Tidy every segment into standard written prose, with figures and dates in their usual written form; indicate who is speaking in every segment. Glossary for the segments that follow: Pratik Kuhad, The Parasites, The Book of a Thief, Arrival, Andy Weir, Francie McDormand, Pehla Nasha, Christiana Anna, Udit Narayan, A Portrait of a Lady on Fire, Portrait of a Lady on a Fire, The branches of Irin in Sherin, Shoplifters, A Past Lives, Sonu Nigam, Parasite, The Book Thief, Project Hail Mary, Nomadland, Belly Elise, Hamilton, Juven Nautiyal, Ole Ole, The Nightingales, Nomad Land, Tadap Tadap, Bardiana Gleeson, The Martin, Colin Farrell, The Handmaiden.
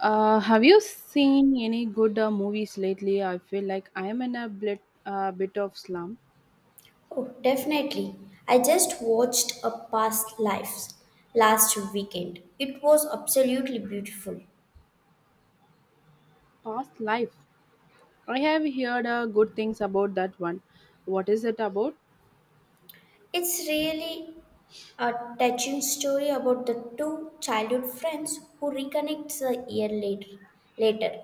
Speaker 1: Have you seen any good movies lately? I feel like I am in a bit, bit of slump.
Speaker 2: Oh, definitely. I just watched A Past Lives last weekend. It was absolutely beautiful.
Speaker 1: Past Life. I have heard good things about that one. What is it about?
Speaker 2: It's really a touching story about the two childhood friends who reconnect a year later.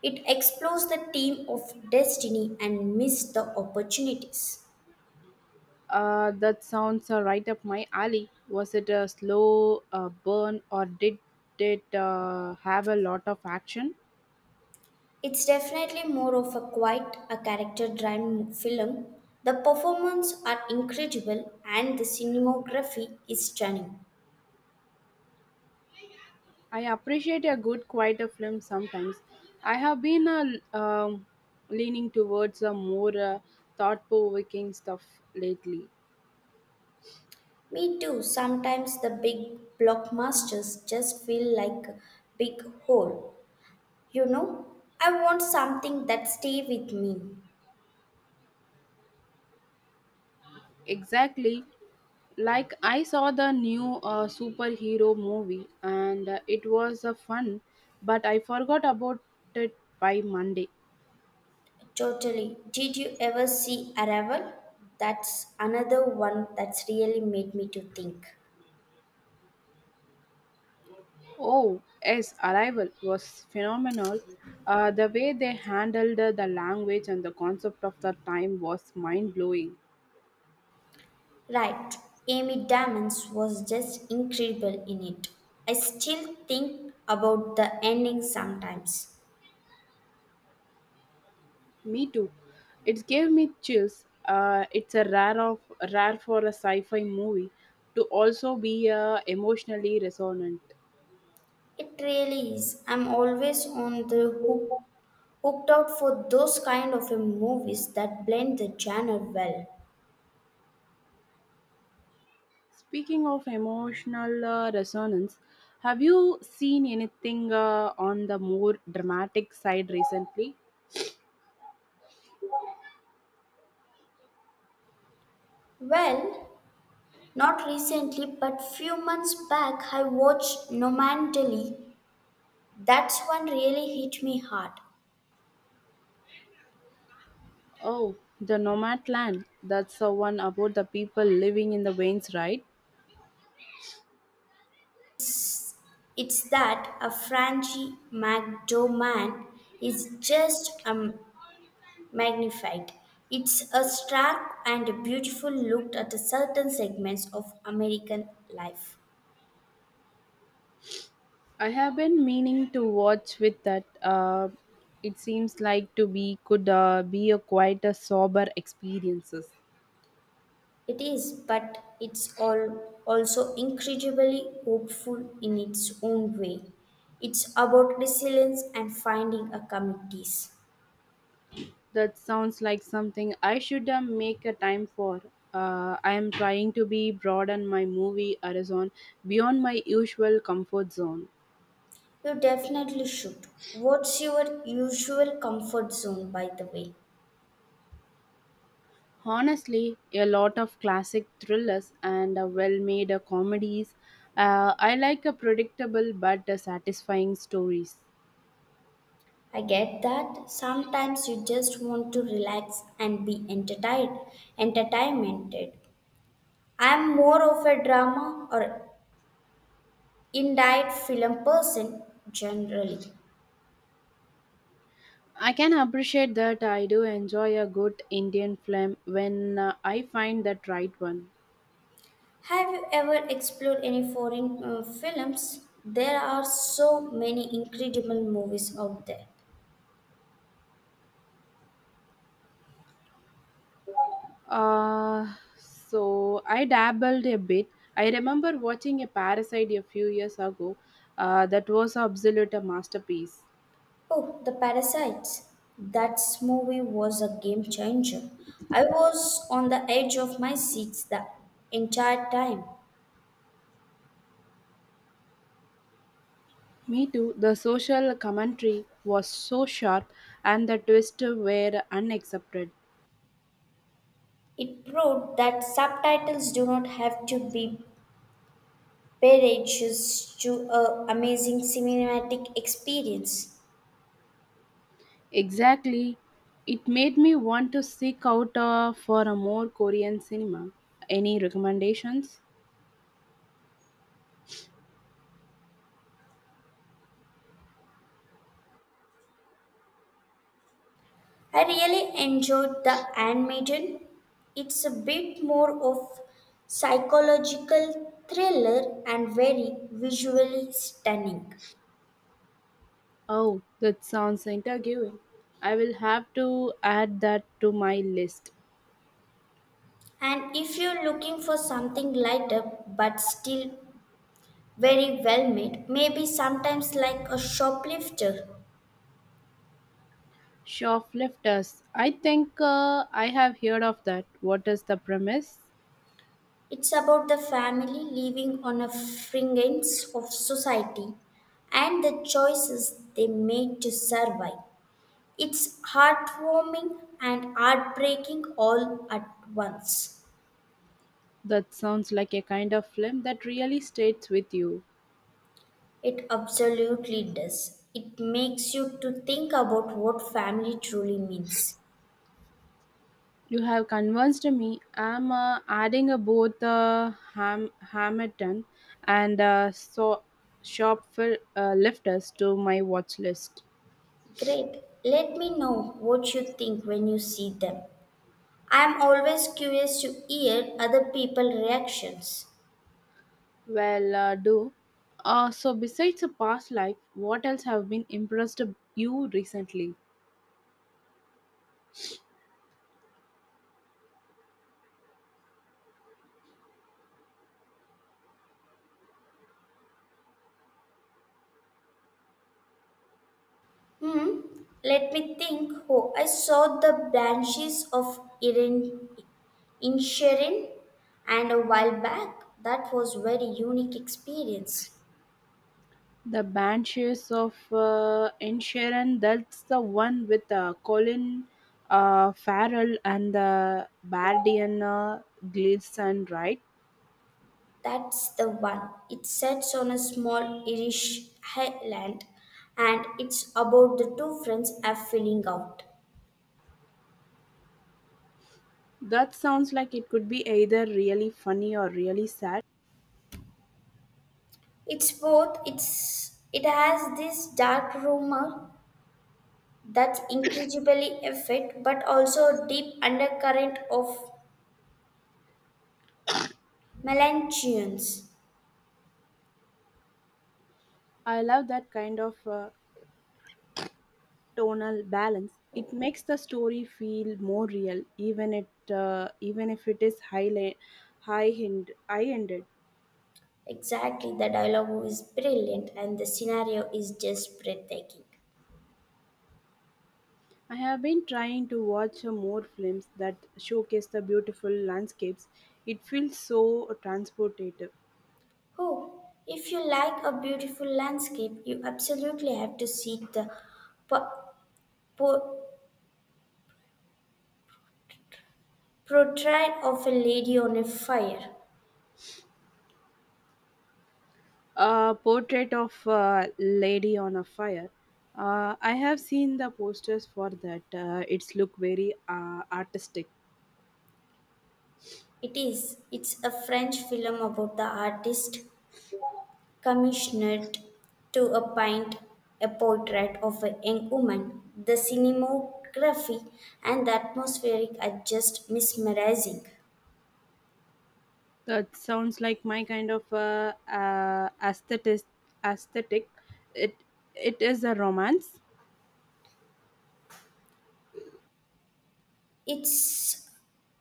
Speaker 2: It explores the theme of destiny and missed the opportunities.
Speaker 1: That sounds right up my alley. Was it a slow burn or did it have a lot of action?
Speaker 2: It's definitely more of a quite a character driven film. The performances are incredible and the cinematography is stunning.
Speaker 1: I appreciate a good, quieter film sometimes. I have been uh, um leaning towards a more thought provoking stuff lately.
Speaker 2: Me too. Sometimes the big blockbusters just feel like a big hole. You know, I want something that stay with me.
Speaker 1: Exactly. Like I saw the new superhero movie and it was fun, but I forgot about it by Monday.
Speaker 2: Totally. Did you ever see Arrival? That's another one that's really made me to think.
Speaker 1: Oh, yes, Arrival was phenomenal. The way they handled the language and the concept of the time was mind blowing.
Speaker 2: Right. Amy Diamonds was just incredible in it. I still think about the ending sometimes.
Speaker 1: Me too. It gave me chills. It's a rare of rare for a sci-fi movie to also be emotionally resonant.
Speaker 2: It really is. I'm always on the hooked out for those kind of a movies that blend the genre well.
Speaker 1: Speaking of emotional resonance, have you seen anything on the more dramatic side recently?
Speaker 2: Well, not recently, but few months back I watched Nomadland. That's one really hit me hard.
Speaker 1: Oh, the Nomad Land. That's the one about the people living in the veins, right?
Speaker 2: It's that a Francie McDormand is just magnified. It's a stark and beautiful look at the certain segments of American life.
Speaker 1: I have been meaning to watch with that. It seems like to be could be a quite a sober experiences.
Speaker 2: It is, but it's all also incredibly hopeful in its own way. It's about resilience and finding a committees.
Speaker 1: That sounds like something I should make a time for. I am trying to be broaden my movie horizon beyond my usual comfort zone.
Speaker 2: You definitely should. What's your usual comfort zone, by the way?
Speaker 1: Honestly, a lot of classic thrillers and well-made comedies. I like a predictable but satisfying stories.
Speaker 2: I get that sometimes you just want to relax and be entertained. Entertainmented. I'm more of a drama or indite film person generally.
Speaker 1: I can appreciate that I do enjoy a good Indian film when I find that right one.
Speaker 2: Have you ever explored any foreign films? There are so many incredible movies out there.
Speaker 1: So I dabbled a bit. I remember watching a Parasite a few years ago. That was absolute a masterpiece.
Speaker 2: Oh, The Parasites. That movie was a game changer. I was on the edge of my seats the entire time.
Speaker 1: Me too. The social commentary was so sharp, and the twists were unaccepted.
Speaker 2: It proved that subtitles do not have to be barriers to an amazing cinematic experience.
Speaker 1: Exactly, it made me want to seek out for a more Korean cinema. Any recommendations?
Speaker 2: I really enjoyed The Handmaiden. It's a bit more of psychological thriller and very visually stunning.
Speaker 1: Oh, that sounds intriguing. I will have to add that to my list.
Speaker 2: And if you're looking for something lighter but still very well made, maybe sometimes like a shoplifter.
Speaker 1: Shoplifters. I think I have heard of that. What is the premise?
Speaker 2: It's about the family living on a fringes of society and the choices they made to survive. It's heartwarming and heartbreaking all at once.
Speaker 1: That sounds like a kind of film that really stays with you.
Speaker 2: It absolutely does. It makes you to think about what family truly means.
Speaker 1: You have convinced me. I'm adding both Hamilton and lifters to my watch list.
Speaker 2: Great. Let me know what you think when you see them. I am always curious to hear other people's reactions.
Speaker 1: Well, do. So besides the past life, what else have been impressed you recently?
Speaker 2: Hmm. Let me think. Oh, I saw the branches of Irin in Sherin and a while back. That was very unique experience.
Speaker 1: The Banshees of Inisherin. That's the one with Colin Farrell and the Bardiana Gleeson, right?
Speaker 2: That's the one. It sets on a small Irish highland and it's about the two friends are filling out.
Speaker 1: That sounds like it could be either really funny or really sad.
Speaker 2: It's both it has this dark rumor that's incredibly effect but also a deep undercurrent of melancholians.
Speaker 1: I love that kind of tonal balance. It makes the story feel more real, even it even if it is high ended.
Speaker 2: Exactly, the dialogue is brilliant and the scenario is just breathtaking.
Speaker 1: I have been trying to watch more films that showcase the beautiful landscapes. It feels so transportative.
Speaker 2: Oh, if you like a beautiful landscape, you absolutely have to see the Po- Portrait of a Lady on a Fire.
Speaker 1: A portrait of a lady on a fire. I have seen the posters for that. It's look very artistic.
Speaker 2: It is. It's a French film about the artist commissioned to a paint a portrait of a young woman. The cinematography and the atmospheric are just mesmerizing.
Speaker 1: That sounds like my kind of aesthetic. Aesthetic. It it is a romance.
Speaker 2: It's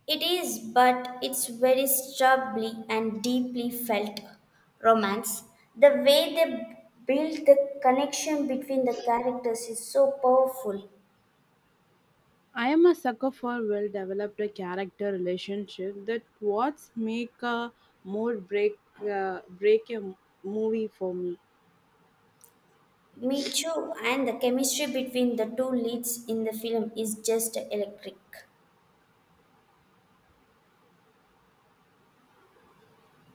Speaker 2: it is, but it's very strongly and deeply felt romance. The way they build the connection between the characters is so powerful.
Speaker 1: I am a sucker for well developed character relationship that what's make a mood break break a m- movie for me.
Speaker 2: Me too, and the chemistry between the two leads in the film is just electric.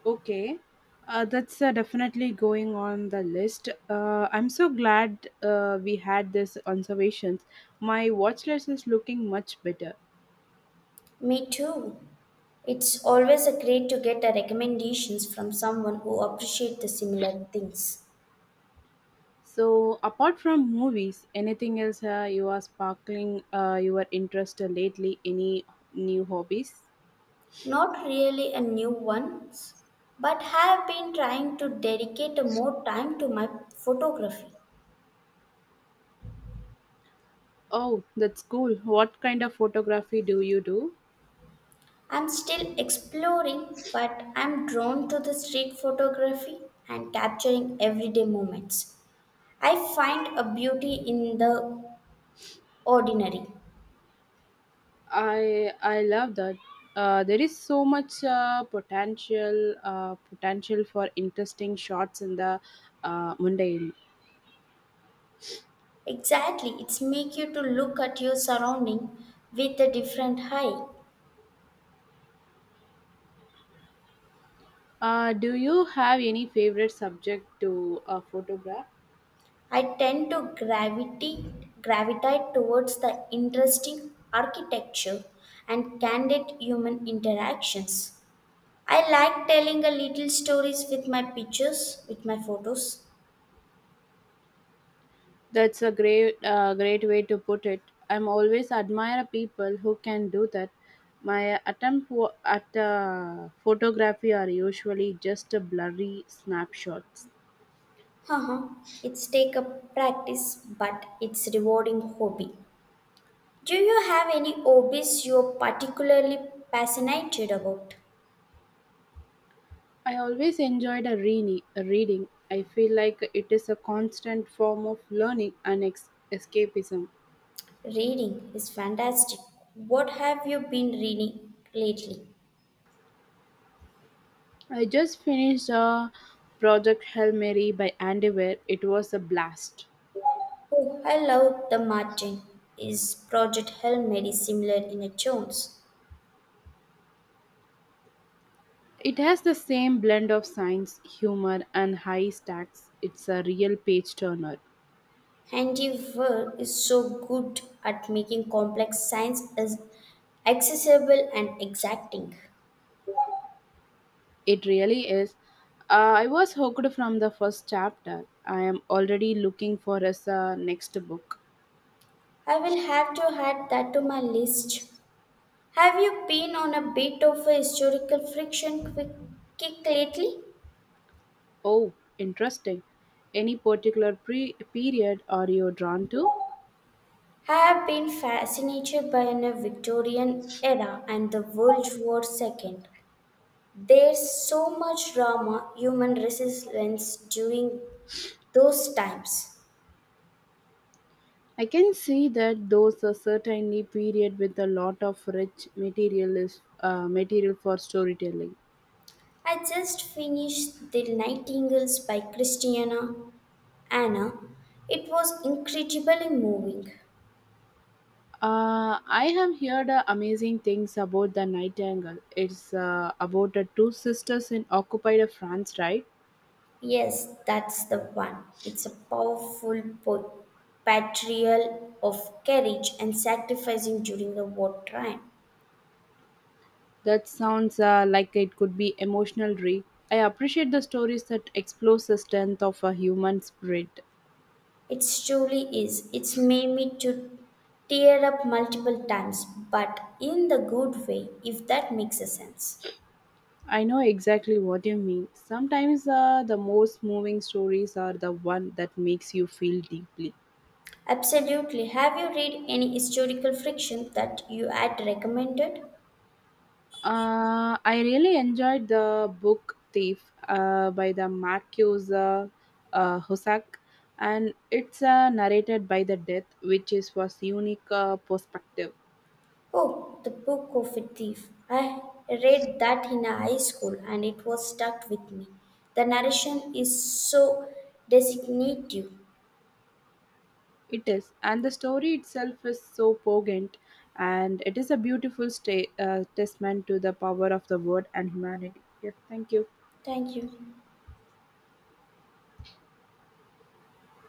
Speaker 1: Okay, that's definitely going on the list. I'm so glad we had this observations. My watch list is looking much better.
Speaker 2: Me too. It's always a great to get a recommendations from someone who appreciate the similar things.
Speaker 1: So apart from movies, anything else you are sparkling your interest lately? Any new hobbies?
Speaker 2: Not really a new one, but have been trying to dedicate more time to my photography.
Speaker 1: Oh, that's cool. What kind of photography do you do?
Speaker 2: I'm still exploring, but I'm drawn to the street photography and capturing everyday moments. I find a beauty in the ordinary.
Speaker 1: I love that. There is so much potential for interesting shots in the mundane.
Speaker 2: Exactly, it's make you to look at your surrounding with a different eye.
Speaker 1: Do you have any favorite subject to photograph?
Speaker 2: I tend to gravity gravitate towards the interesting architecture and candid human interactions. I like telling a little stories with my photos.
Speaker 1: That's a great way to put it. I'm always admire people who can do that. My attempt wo- at photography are usually just a blurry snapshots.
Speaker 2: Haha, it's take a practice, but it's rewarding hobby. Do you have any hobbies you're particularly passionate about?
Speaker 1: I always enjoyed a reading. A reading. I feel like it is a constant form of learning and escapism.
Speaker 2: Reading is fantastic. What have you been reading lately?
Speaker 1: I just finished Project Hail Mary by Andy Weir. It was a blast.
Speaker 2: Oh, I love The Martin. Is Project Hail Mary similar in its tones?
Speaker 1: It has the same blend of science, humor, and high stakes. It's a real page turner.
Speaker 2: Andy Weir is so good at making complex science as accessible and exacting.
Speaker 1: It really is. I was hooked from the first chapter. I am already looking for his next book.
Speaker 2: I will have to add that to my list. Have you been on a bit of a historical friction quick kick lately?
Speaker 1: Oh, interesting. Any particular period are you drawn to?
Speaker 2: I have been fascinated by the Victorian era and the World War II. There's so much drama, human resistance during those times.
Speaker 1: I can see that those are certainly period with a lot of rich material for storytelling.
Speaker 2: I just finished The Nightingales by Christiana Anna. It was incredibly moving.
Speaker 1: I have heard amazing things about the Nightingale. It's about the two sisters in occupied France, right?
Speaker 2: Yes, that's the one. It's a powerful portrayal of courage and sacrificing during the wartime.
Speaker 1: That sounds like it could be emotional read. I appreciate the stories that explore the strength of a human spirit.
Speaker 2: It truly is. It's made me to tear up multiple times, but in the good way, if that makes a sense.
Speaker 1: I know exactly what you mean. Sometimes the most moving stories are the one that makes you feel deeply.
Speaker 2: Absolutely. Have you read any historical fiction that you had recommended?
Speaker 1: I really enjoyed the book Thief by the Marcus Husak, and it's narrated by the death, which is was unique perspective.
Speaker 2: Oh, The Book of a Thief. I read that in high school and it was stuck with me. The narration is so designative.
Speaker 1: It is, and the story itself is so poignant, and it is a beautiful testament to the power of the word and humanity. Yeah, thank you.
Speaker 2: Thank you.